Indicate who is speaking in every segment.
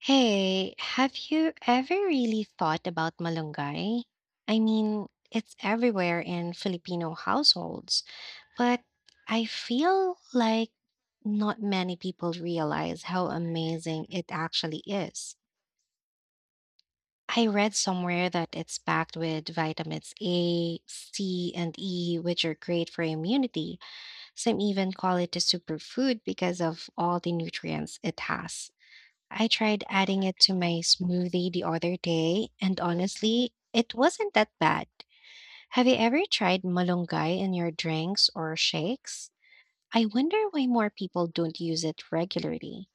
Speaker 1: Hey, have you ever really thought about malunggay? I mean, it's everywhere in Filipino households, but I feel like not many people realize how amazing it actually is. I read somewhere that it's packed with vitamins A, C, and E, which are great for immunity. Some even call it a superfood because of all the nutrients it has. I tried adding it to my smoothie the other day, and honestly, it wasn't that bad. Have you ever tried malunggay in your drinks or shakes? I wonder why more people don't use it regularly.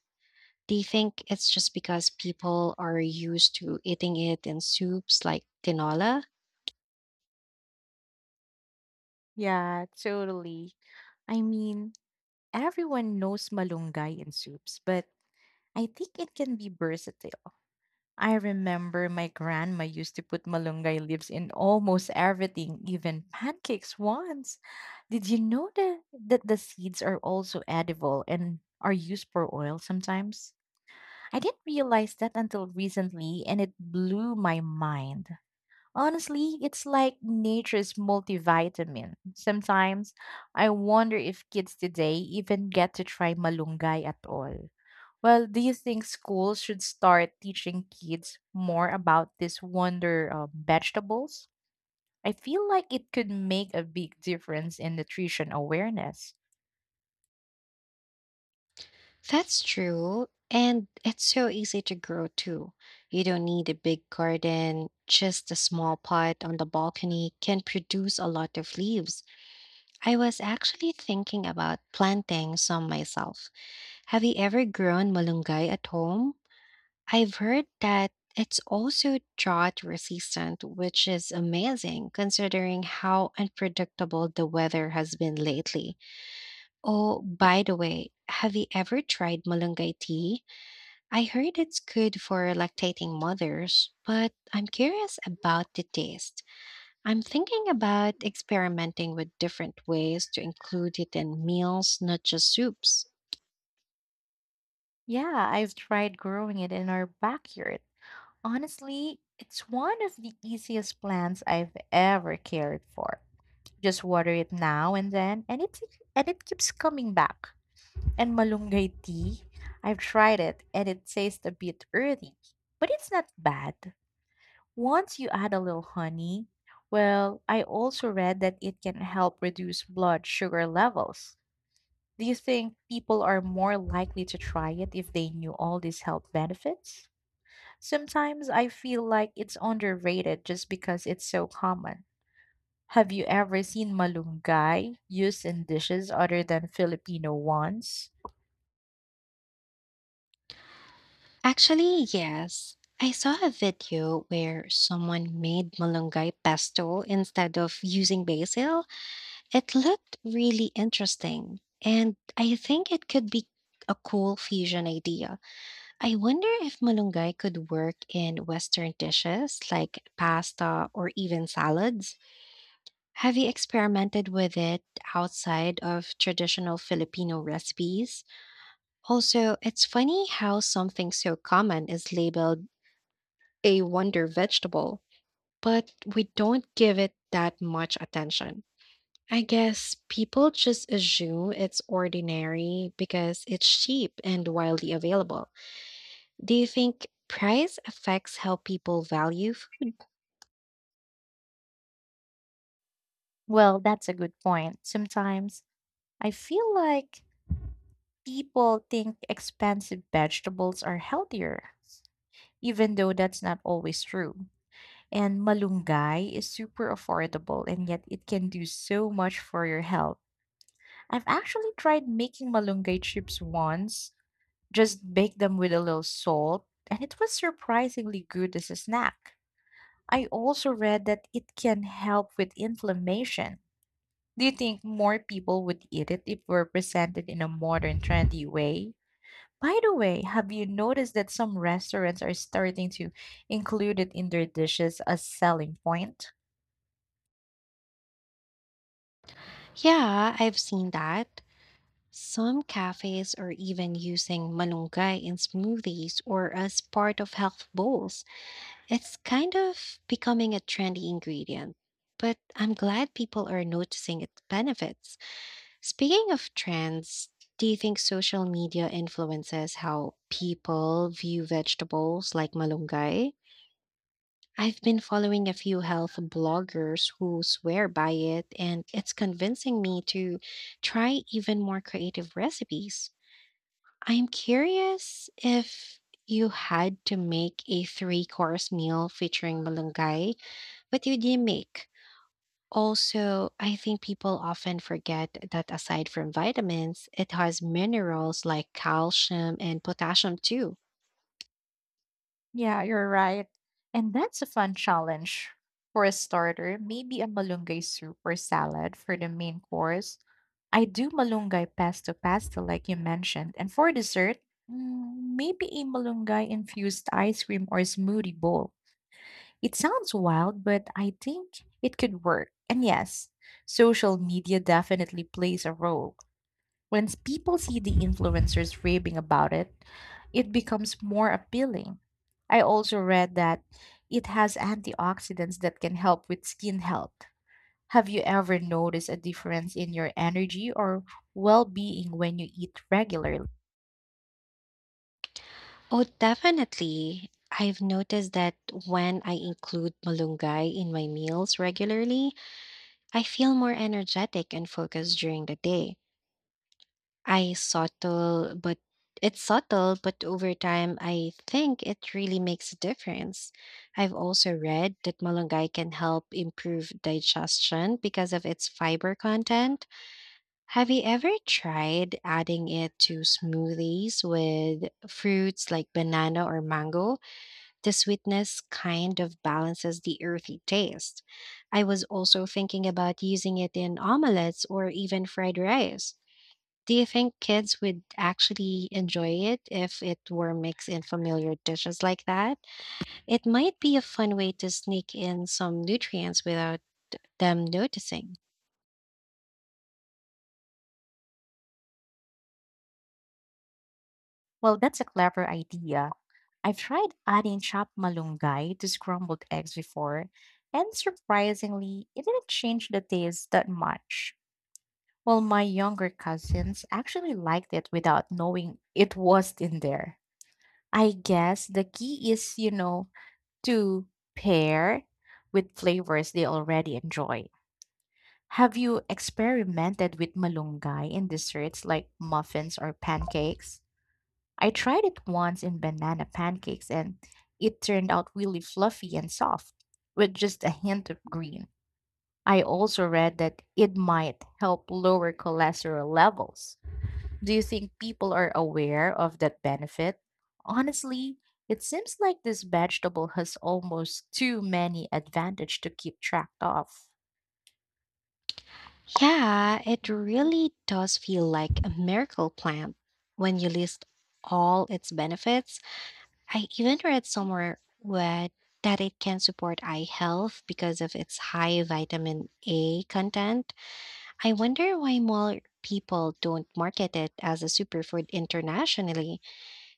Speaker 1: Do you think it's just because people are used to eating it in soups like tinola?
Speaker 2: Yeah, totally. I mean, everyone knows malunggay in soups, but I think it can be versatile. I remember my grandma used to put malunggay leaves in almost everything, even pancakes once. Did you know that the seeds are also edible and are used for oil sometimes? I didn't realize that until recently, and it blew my mind. Honestly, it's like nature's multivitamin. Sometimes I wonder if kids today even get to try malunggay at all. Well, do you think schools should start teaching kids more about this wonder vegetables? I feel like it could make a big difference in nutrition awareness.
Speaker 1: That's true, and it's so easy to grow too. You don't need a big garden, just a small pot on the balcony can produce a lot of leaves. I was actually thinking about planting some myself. Have you ever grown malunggay at home? I've heard that it's also drought resistant, which is amazing considering how unpredictable the weather has been lately. Oh, by the way, have you ever tried malunggay tea? I heard it's good for lactating mothers, but I'm curious about the taste. I'm thinking about experimenting with different ways to include it in meals, not just soups.
Speaker 2: Yeah, I've tried growing it in our backyard. Honestly, it's one of the easiest plants I've ever cared for. Just water it now and then, and it keeps coming back. And malunggay tea, I've tried it, and it tastes a bit earthy, but it's not bad. Once you add a little honey, well, I also read that it can help reduce blood sugar levels. Do you think people are more likely to try it if they knew all these health benefits? Sometimes I feel like it's underrated just because it's so common. Have you ever seen malunggay used in dishes other than Filipino ones?
Speaker 1: Actually, yes. I saw a video where someone made malunggay pesto instead of using basil. It looked really interesting, and I think it could be a cool fusion idea. I wonder if malunggay could work in Western dishes like pasta or even salads. Have you experimented with it outside of traditional Filipino recipes? Also, it's funny how something so common is labeled a wonder vegetable, but we don't give it that much attention. I guess people just assume it's ordinary because it's cheap and widely available. Do you think price affects how people value food?
Speaker 2: Well, that's a good point. Sometimes I feel like people think expensive vegetables are healthier, even though that's not always true. And malunggay is super affordable, and yet it can do so much for your health. I've actually tried making malunggay chips once, just bake them with a little salt, and it was surprisingly good as a snack. I also read that it can help with inflammation. Do you think more people would eat it if we're presented in a modern, trendy way? By the way, have you noticed that some restaurants are starting to include it in their dishes as selling point?
Speaker 1: Yeah, I've seen that. Some cafes are even using malunggay in smoothies or as part of health bowls. It's kind of becoming a trendy ingredient, but I'm glad people are noticing its benefits. Speaking of trends, do you think social media influences how people view vegetables like malunggay? I've been following a few health bloggers who swear by it, and it's convincing me to try even more creative recipes. I'm curious if you had to make a three course meal featuring malunggay, what would you make? Also, I think people often forget that aside from vitamins, it has minerals like calcium and potassium too.
Speaker 2: Yeah, you're right. And that's a fun challenge. For a starter, maybe a malunggay soup or salad for the main course. I do malunggay pesto pasta like you mentioned. And for dessert, maybe a malunggay infused ice cream or smoothie bowl. It sounds wild, but I think it could work. And yes, social media definitely plays a role. When people see the influencers raving about it, it becomes more appealing. I also read that it has antioxidants that can help with skin health. Have you ever noticed a difference in your energy or well being when you eat regularly?
Speaker 1: Oh, definitely. I've noticed that when I include malunggay in my meals regularly, I feel more energetic and focused during the day. I subtle, but It's subtle, but over time, I think it really makes a difference. I've also read that malunggay can help improve digestion because of its fiber content. Have you ever tried adding it to smoothies with fruits like banana or mango? The sweetness kind of balances the earthy taste. I was also thinking about using it in omelets or even fried rice. Do you think kids would actually enjoy it if it were mixed in familiar dishes like that? It might be a fun way to sneak in some nutrients without them noticing.
Speaker 2: Well, that's a clever idea. I've tried adding chopped malunggay to scrambled eggs before, and surprisingly, it didn't change the taste that much. Well, my younger cousins actually liked it without knowing it was in there. I guess the key is, you know, to pair with flavors they already enjoy. Have you experimented with malunggay in desserts like muffins or pancakes? I tried it once in banana pancakes and it turned out really fluffy and soft with just a hint of green. I also read that it might help lower cholesterol levels. Do you think people are aware of that benefit? Honestly, it seems like this vegetable has almost too many advantages to keep track of.
Speaker 1: Yeah, it really does feel like a miracle plant when you list all its benefits. I even read somewhere where that it can support eye health because of its high vitamin A content. I wonder why more people don't market it as a superfood internationally.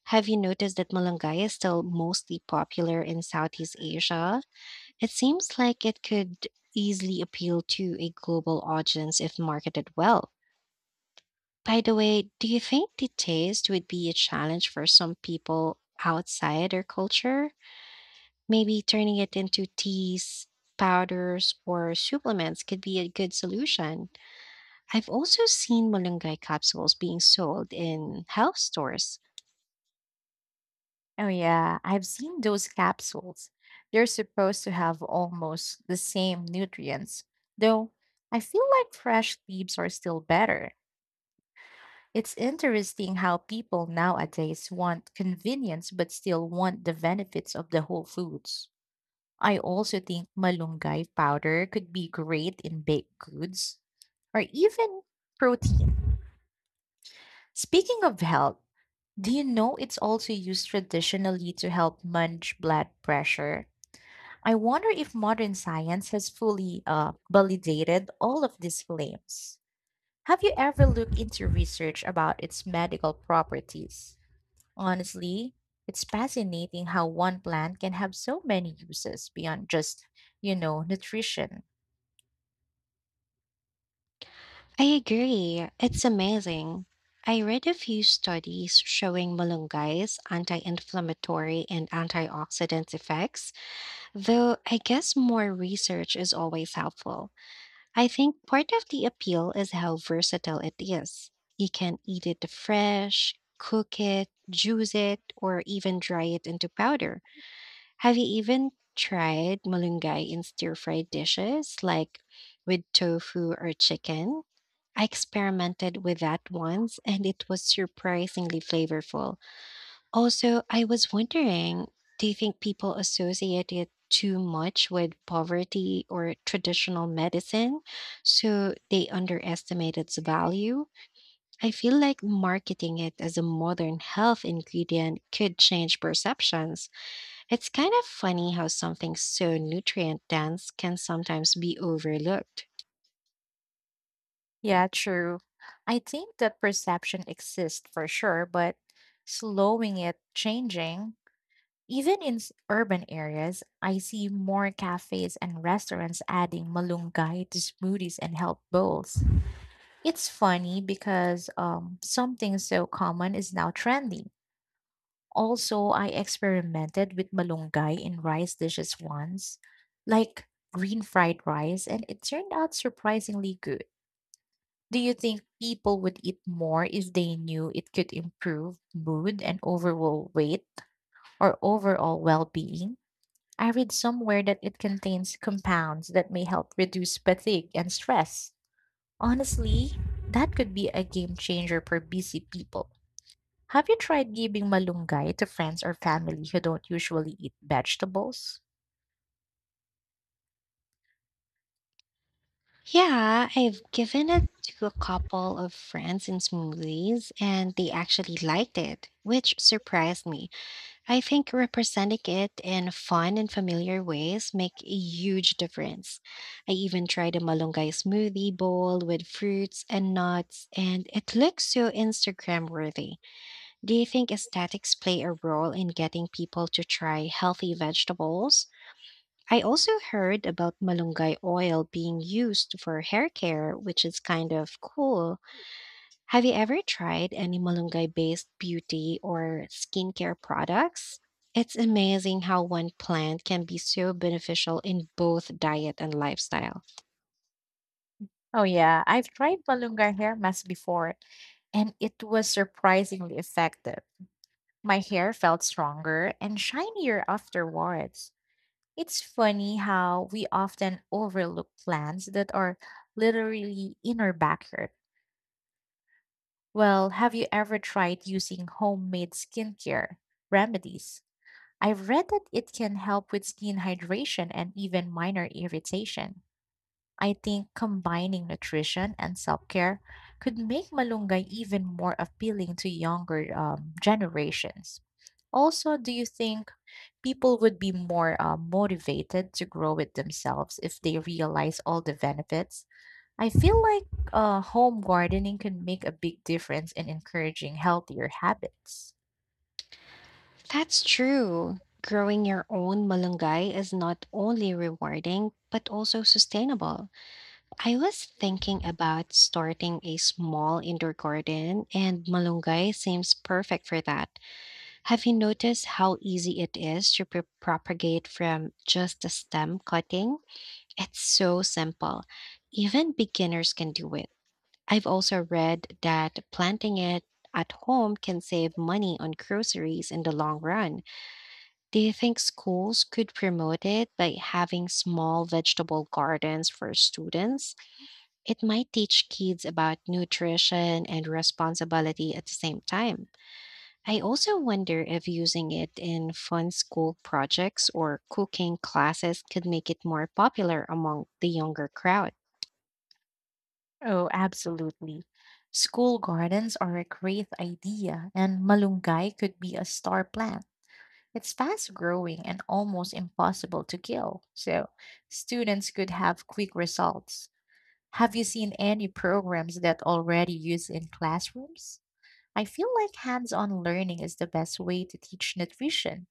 Speaker 1: Have you noticed that malunggay is still mostly popular in Southeast Asia? It seems like it could easily appeal to a global audience if marketed well. By the way, do you think the taste would be a challenge for some people outside their culture? Maybe turning it into teas, powders, or supplements could be a good solution. I've also seen malunggay capsules being sold in health stores.
Speaker 2: Oh yeah, I've seen those capsules. They're supposed to have almost the same nutrients, though I feel like fresh leaves are still better. It's interesting how people nowadays want convenience but still want the benefits of the whole foods. I also think malunggay powder could be great in baked goods or even protein. Speaking of health, do you know it's also used traditionally to help manage blood pressure? I wonder if modern science has fully validated all of these claims. Have you ever looked into research about its medical properties? Honestly, it's fascinating how one plant can have so many uses beyond just, you know, nutrition.
Speaker 1: I agree, it's amazing. I read a few studies showing malunggay's anti inflammatory and antioxidant effects, though I guess more research is always helpful. I think part of the appeal is how versatile it is. You can eat it fresh, cook it, juice it, or even dry it into powder. Have you even tried malunggay in stir-fried dishes like with tofu or chicken? I experimented with that once and it was surprisingly flavorful. Also, I was wondering, do you think people associate it too much with poverty or traditional medicine, so they underestimate its value? I feel like marketing it as a modern health ingredient could change perceptions. It's kind of funny how something so nutrient dense can sometimes be overlooked.
Speaker 2: Yeah, true. I think that perception exists for sure, but slowing it, changing, even in urban areas, I see more cafes and restaurants adding malunggay to smoothies and health bowls. It's funny because something so common is now trendy. Also, I experimented with malunggay in rice dishes once, like green fried rice, and it turned out surprisingly good. Do you think people would eat more if they knew it could improve mood and overall weight or overall well being? I read somewhere that it contains compounds that may help reduce fatigue and stress. Honestly, that could be a game changer for busy people. Have you tried giving malunggay to friends or family who don't usually eat vegetables?
Speaker 1: Yeah, I've given it to a couple of friends in smoothies and they actually liked it, which surprised me. I think representing it in fun and familiar ways make a huge difference. I even tried a malunggay smoothie bowl with fruits and nuts and it looks so Instagram worthy. Do you think aesthetics play a role in getting people to try healthy vegetables? I also heard about malunggay oil being used for hair care, which is kind of cool. Have you ever tried any malunggay based beauty or skincare products? It's amazing how one plant can be so beneficial in both diet and lifestyle.
Speaker 2: Oh, yeah, I've tried malunggay hair mask before, and it was surprisingly effective. My hair felt stronger and shinier afterwards. It's funny how we often overlook plants that are literally in our backyard. Well, have you ever tried using homemade skincare remedies? I've read that it can help with skin hydration and even minor irritation. I think combining nutrition and self care could make malunggay even more appealing to younger generations. Also, do you think people would be more motivated to grow it themselves if they realize all the benefits? I feel like home gardening can make a big difference in encouraging healthier habits.
Speaker 1: That's true. Growing your own malunggay is not only rewarding, but also sustainable. I was thinking about starting a small indoor garden, and malunggay seems perfect for that. Have you noticed how easy it is to propagate from just a stem cutting? It's so simple. Even beginners can do it. I've also read that planting it at home can save money on groceries in the long run. Do you think schools could promote it by having small vegetable gardens for students? It might teach kids about nutrition and responsibility at the same time. I also wonder if using it in fun school projects or cooking classes could make it more popular among the younger crowd.
Speaker 2: Oh, absolutely. School gardens are a great idea, and malunggay could be a star plant. It's fast growing and almost impossible to kill, so students could have quick results. Have you seen any programs that already use in classrooms? I feel like hands-on learning is the best way to teach nutrition.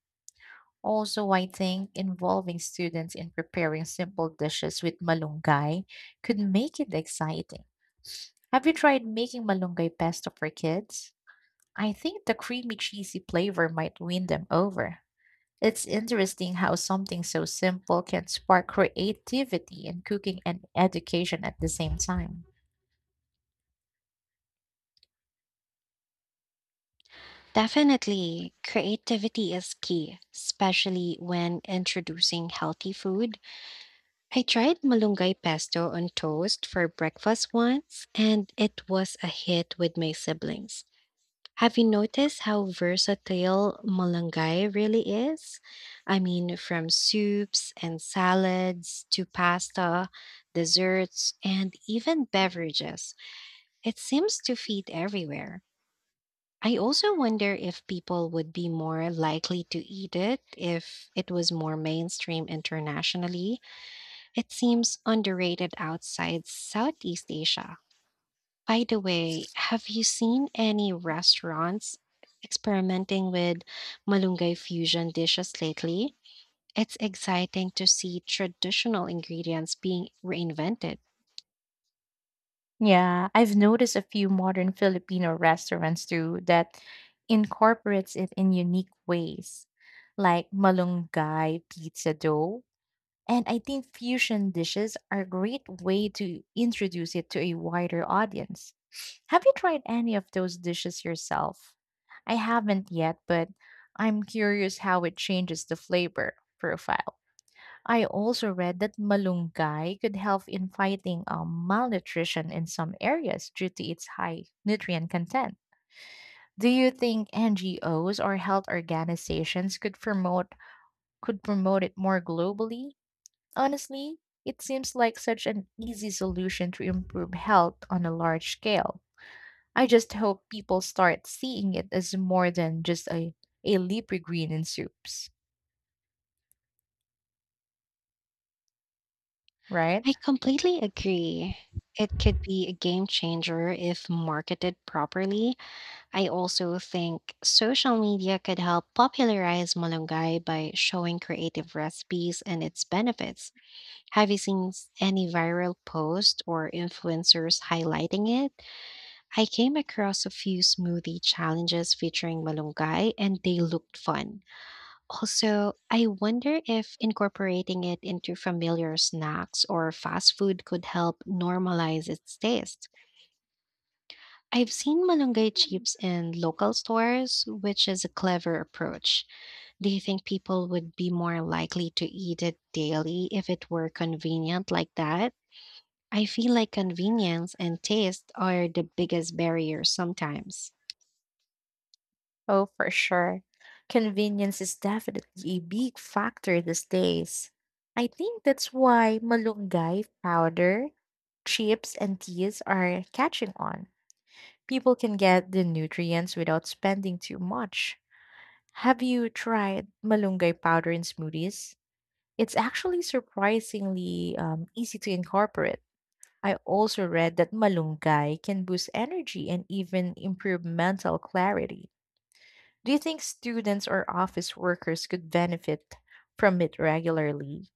Speaker 2: Also, I think involving students in preparing simple dishes with malunggay could make it exciting. Have you tried making malunggay pesto for kids? I think the creamy cheesy flavor might win them over. It's interesting how something so simple can spark creativity in cooking and education at the same time.
Speaker 1: Definitely, creativity is key, especially when introducing healthy food. I tried malunggay pesto on toast for breakfast once, and it was a hit with my siblings. Have you noticed how versatile malunggay really is? I mean, from soups and salads to pasta, desserts, and even beverages. It seems to fit everywhere. I also wonder if people would be more likely to eat it if it was more mainstream internationally. It seems underrated outside Southeast Asia. By the way, have you seen any restaurants experimenting with malunggay fusion dishes lately? It's exciting to see traditional ingredients being reinvented.
Speaker 2: Yeah, I've noticed a few modern Filipino restaurants too that incorporates it in unique ways, like malunggay pizza dough. And I think fusion dishes are a great way to introduce it to a wider audience. Have you tried any of those dishes yourself? I haven't yet, but I'm curious how it changes the flavor profile. I also read that malunggay could help in fighting malnutrition in some areas due to its high nutrient content. Do you think NGOs or health organizations could promote it more globally? Honestly, it seems like such an easy solution to improve health on a large scale. I just hope people start seeing it as more than just a leafy green in soups,
Speaker 1: I
Speaker 2: right?
Speaker 1: completely agree. It could be a game changer if marketed properly. I also think social media could help popularize malunggay by showing creative recipes and its benefits. Have you seen any viral posts or influencers highlighting it? I came across a few smoothie challenges featuring malunggay and they looked fun. Also, I wonder if incorporating it into familiar snacks or fast food could help normalize its taste. I've seen malunggay chips in local stores, which is a clever approach. Do you think people would be more likely to eat it daily if it were convenient like that? I feel like convenience and taste are the biggest barriers sometimes.
Speaker 2: Oh, for sure. Convenience is definitely a big factor these days. I think that's why malunggay powder, chips, and teas are catching on. People can get the nutrients without spending too much. Have you tried malunggay powder in smoothies? It's actually surprisingly easy to incorporate. I also read that malunggay can boost energy and even improve mental clarity. Do you think students or office workers could benefit from it regularly?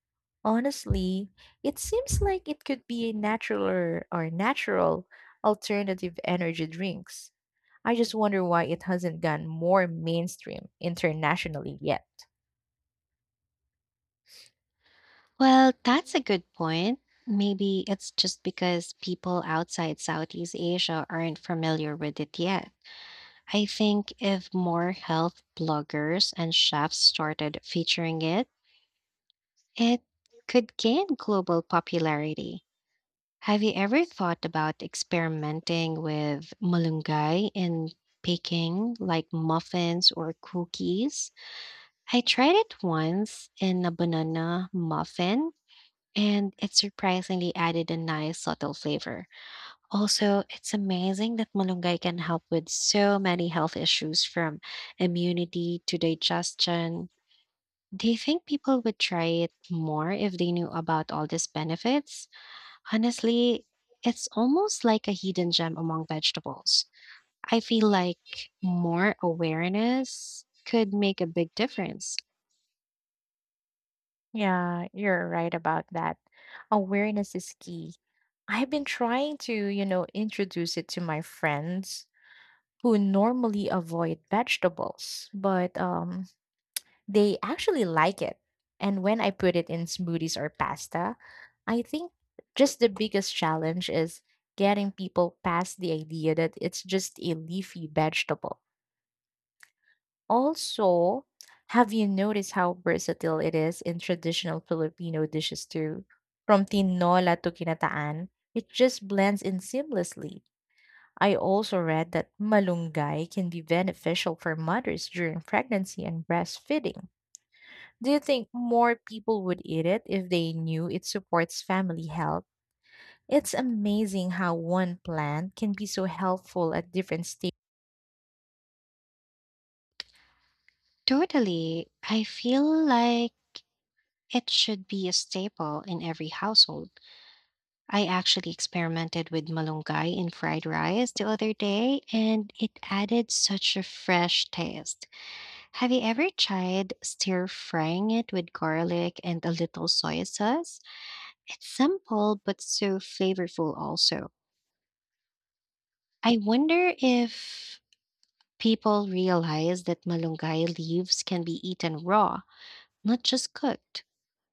Speaker 2: Honestly, it seems like it could be a natural or natural alternative energy drinks. I just wonder why it hasn't gone more mainstream internationally yet.
Speaker 1: Well, that's a good point. Maybe it's just because people outside Southeast Asia aren't familiar with it yet. I think if more health bloggers and chefs started featuring it, it could gain global popularity. Have you ever thought about experimenting with malunggay in baking, like muffins or cookies? I tried it once in a banana muffin, and it surprisingly added a nice subtle flavor. Also, it's amazing that malunggay can help with so many health issues from immunity to digestion. Do you think people would try it more if they knew about all these benefits? Honestly, it's almost like a hidden gem among vegetables. I feel like more awareness could make a big difference.
Speaker 2: Yeah, you're right about that. Awareness is key. I've been trying to, you know, introduce it to my friends who normally avoid vegetables, but they actually like it. And when I put it in smoothies or pasta, I think just the biggest challenge is getting people past the idea that it's just a leafy vegetable. Also, have you noticed how versatile it is in traditional Filipino dishes too? From tinola to kinataan, it just blends in seamlessly. I also read that malunggay can be beneficial for mothers during pregnancy and breastfeeding. Do you think more people would eat it if they knew it supports family health? It's amazing how one plant can be so helpful at different stages.
Speaker 1: Totally. I feel like it should be a staple in every household. I actually experimented with malunggay in fried rice the other day, and it added such a fresh taste. Have you ever tried stir frying it with garlic and a little soy sauce? It's simple but so flavorful, also. I wonder if people realize that malunggay leaves can be eaten raw, not just cooked.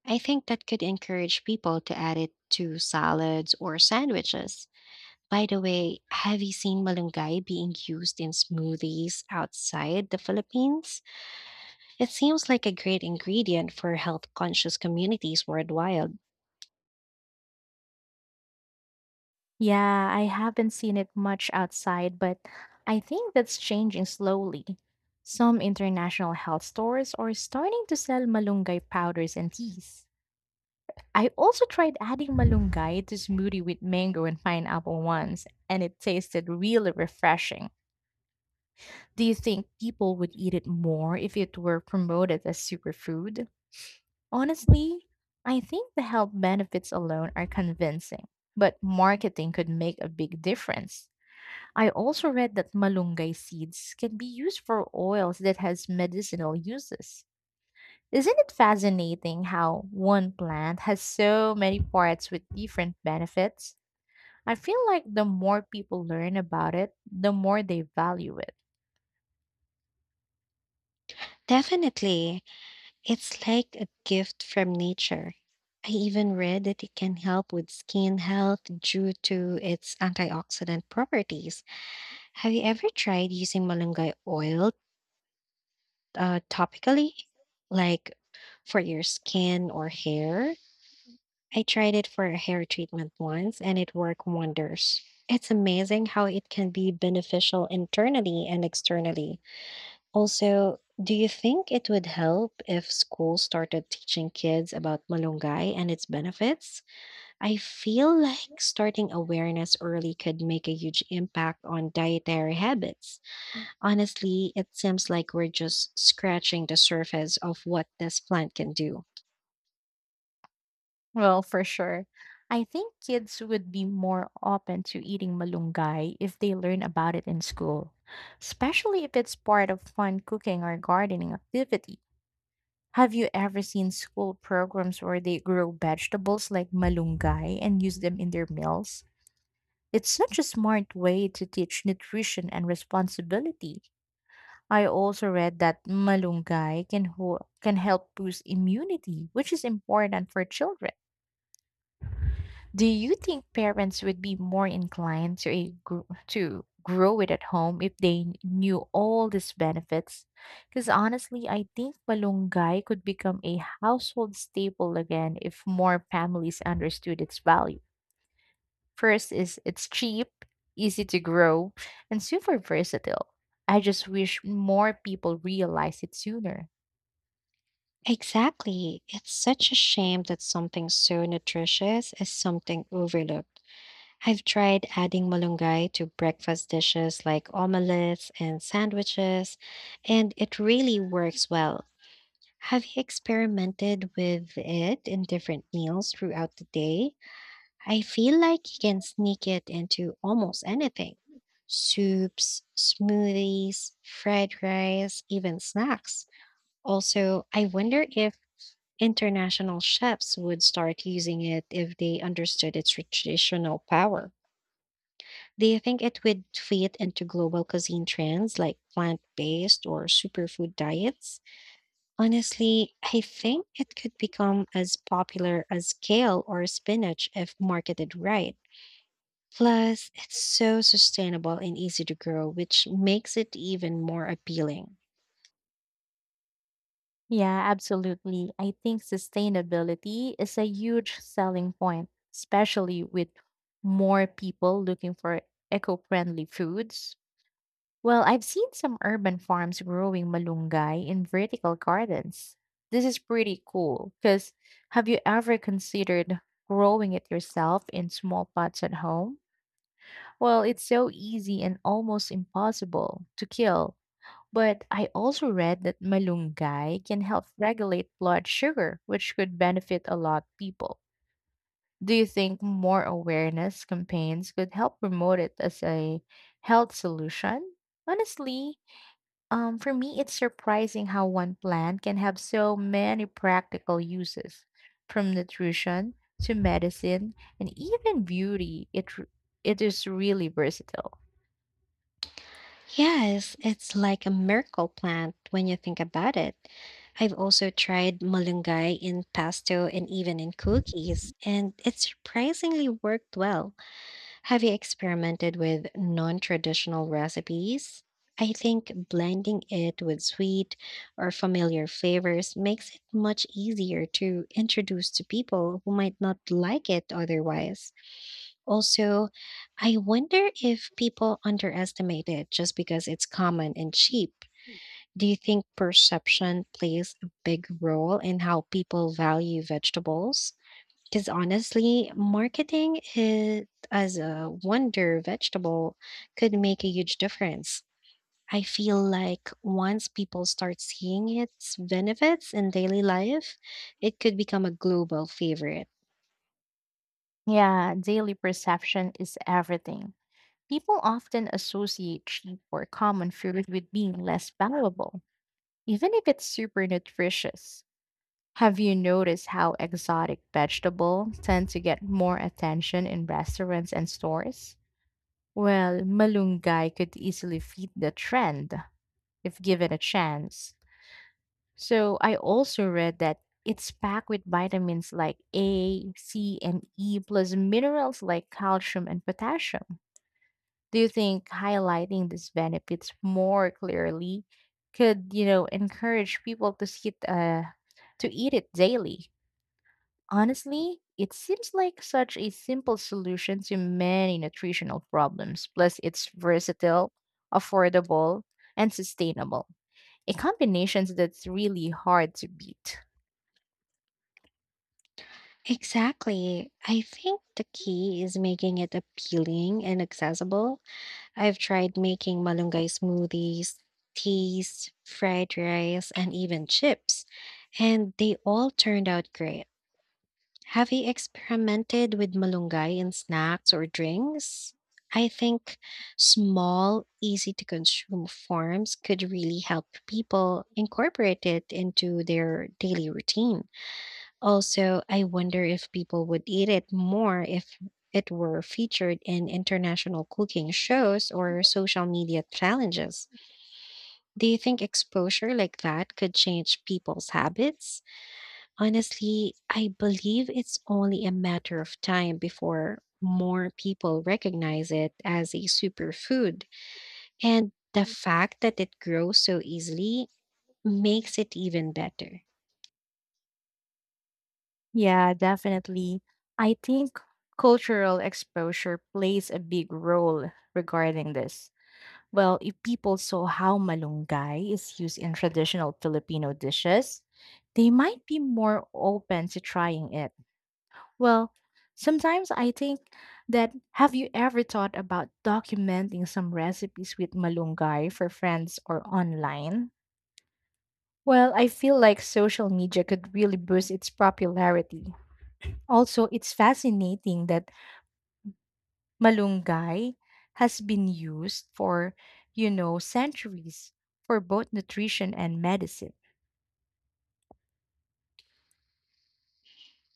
Speaker 1: I think that could encourage people to add it to salads or sandwiches. By the way, have you seen malunggay being used in smoothies outside the Philippines? It seems like a great ingredient for health conscious communities worldwide.
Speaker 2: Yeah, I haven't seen it much outside, but I think that's changing slowly. Some international health stores are starting to sell malunggay powders and teas. I also tried adding malunggay to smoothie with mango and pineapple once, and it tasted really refreshing. Do you think people would eat it more if it were promoted as superfood? Honestly, I think the health benefits alone are convincing, but marketing could make a big difference. I also read that malunggay seeds can be used for oils that has medicinal uses. Isn't it fascinating how one plant has so many parts with different benefits? I feel like the more people learn about it, the more they value it.
Speaker 1: Definitely, it's like a gift from nature. I even read that it can help with skin health due to its antioxidant properties. Have you ever tried using malunggay oil topically, like for your skin or hair? I tried it for a hair treatment once and it worked wonders. It's amazing how it can be beneficial internally and externally. Also, do you think it would help if schools started teaching kids about malunggay and its benefits? I feel like starting awareness early could make a huge impact on dietary habits. Honestly, it seems like we're just scratching the surface of what this plant can do.
Speaker 2: Well, for sure. I think kids would be more open to eating malunggay if they learn about it in school, especially if it's part of fun cooking or gardening activity. Have you ever seen school programs where they grow vegetables like malunggay and use them in their meals? It's such a smart way to teach nutrition and responsibility. I also read that malunggay can, can help boost immunity, which is important for children. Do you think parents would be more inclined to to grow it at home if they knew all these benefits? Because honestly, I think malunggay could become a household staple again if more families understood its value. First is it's cheap, easy to grow, and super versatile. I just wish more people realize it sooner.
Speaker 1: Exactly. It's such a shame that something so nutritious is something overlooked. I've tried adding malunggay to breakfast dishes like omelets and sandwiches, and it really works well. Have you experimented with it in different meals throughout the day? I feel like you can sneak it into almost anything: soups, smoothies, fried rice, even snacks. Also, I wonder if international chefs would start using it if they understood its traditional power. Do you think it would fit into global cuisine trends like plant based or superfood diets? Honestly, I think it could become as popular as kale or spinach if marketed right. Plus, it's so sustainable and easy to grow, which makes it even more appealing.
Speaker 2: Yeah, absolutely. I think sustainability is a huge selling point, especially with more people looking for eco friendly foods. Well, I've seen some urban farms growing malunggay in vertical gardens. This is pretty cool because have you ever considered growing it yourself in small pots at home? Well, it's so easy and almost impossible to kill but I also read that malunggay can help regulate blood sugar, which could benefit a lot of people. Do you think more awareness campaigns could help promote it as a health solution? Honestly, for me, it's surprising how one plant can have so many practical uses, from nutrition to medicine and even beauty. It is really versatile.
Speaker 1: Yes, it's like a miracle plant when you think about it. I've also tried malunggay in pesto and even in cookies, and it surprisingly worked well. Have you experimented with non traditional recipes? I think blending it with sweet or familiar flavors makes it much easier to introduce to people who might not like it otherwise. Also, I wonder if people underestimate it just because it's common and cheap. Do you think perception plays a big role in how people value vegetables? Because honestly, marketing it as a wonder vegetable could make a huge difference. I feel like once people start seeing its benefits in daily life, it could become a global favorite.
Speaker 2: Yeah, daily perception is everything. People often associate cheap or common food with being less valuable, even if it's super nutritious. Have you noticed how exotic vegetables tend to get more attention in restaurants and stores? Well, malunggay could easily fit the trend if given a chance. So, I also read that it's packed with vitamins like A, C, and E, plus minerals like calcium and potassium. Do you think highlighting these benefits more clearly could, you know, encourage people to see it to eat it daily? Honestly, it seems like such a simple solution to many nutritional problems. Plus, it's versatile, affordable, and sustainable. A combination that's really hard to beat.
Speaker 1: Exactly. I think the key is making it appealing and accessible. I've tried making malunggay smoothies, teas, fried rice, and even chips, and they all turned out great. Have you experimented with malunggay in snacks or drinks? I think small, easy to consume forms could really help people incorporate it into their daily routine. Also, I wonder if people would eat it more if it were featured in international cooking shows or social media challenges. Do you think exposure like that could change people's habits? Honestly, I believe it's only a matter of time before more people recognize it as a superfood, and the fact that it grows so easily makes it even better.
Speaker 2: Yeah, definitely. I think cultural exposure plays a big role regarding this. Well, if people saw how malunggay is used in traditional Filipino dishes, they might be more open to trying it. Well, sometimes I think that have you ever thought about documenting some recipes with malunggay for friends or online? Well, I feel like social media could really boost its popularity. Also, it's fascinating that Malunggay has been used for, you know, centuries for both nutrition and medicine.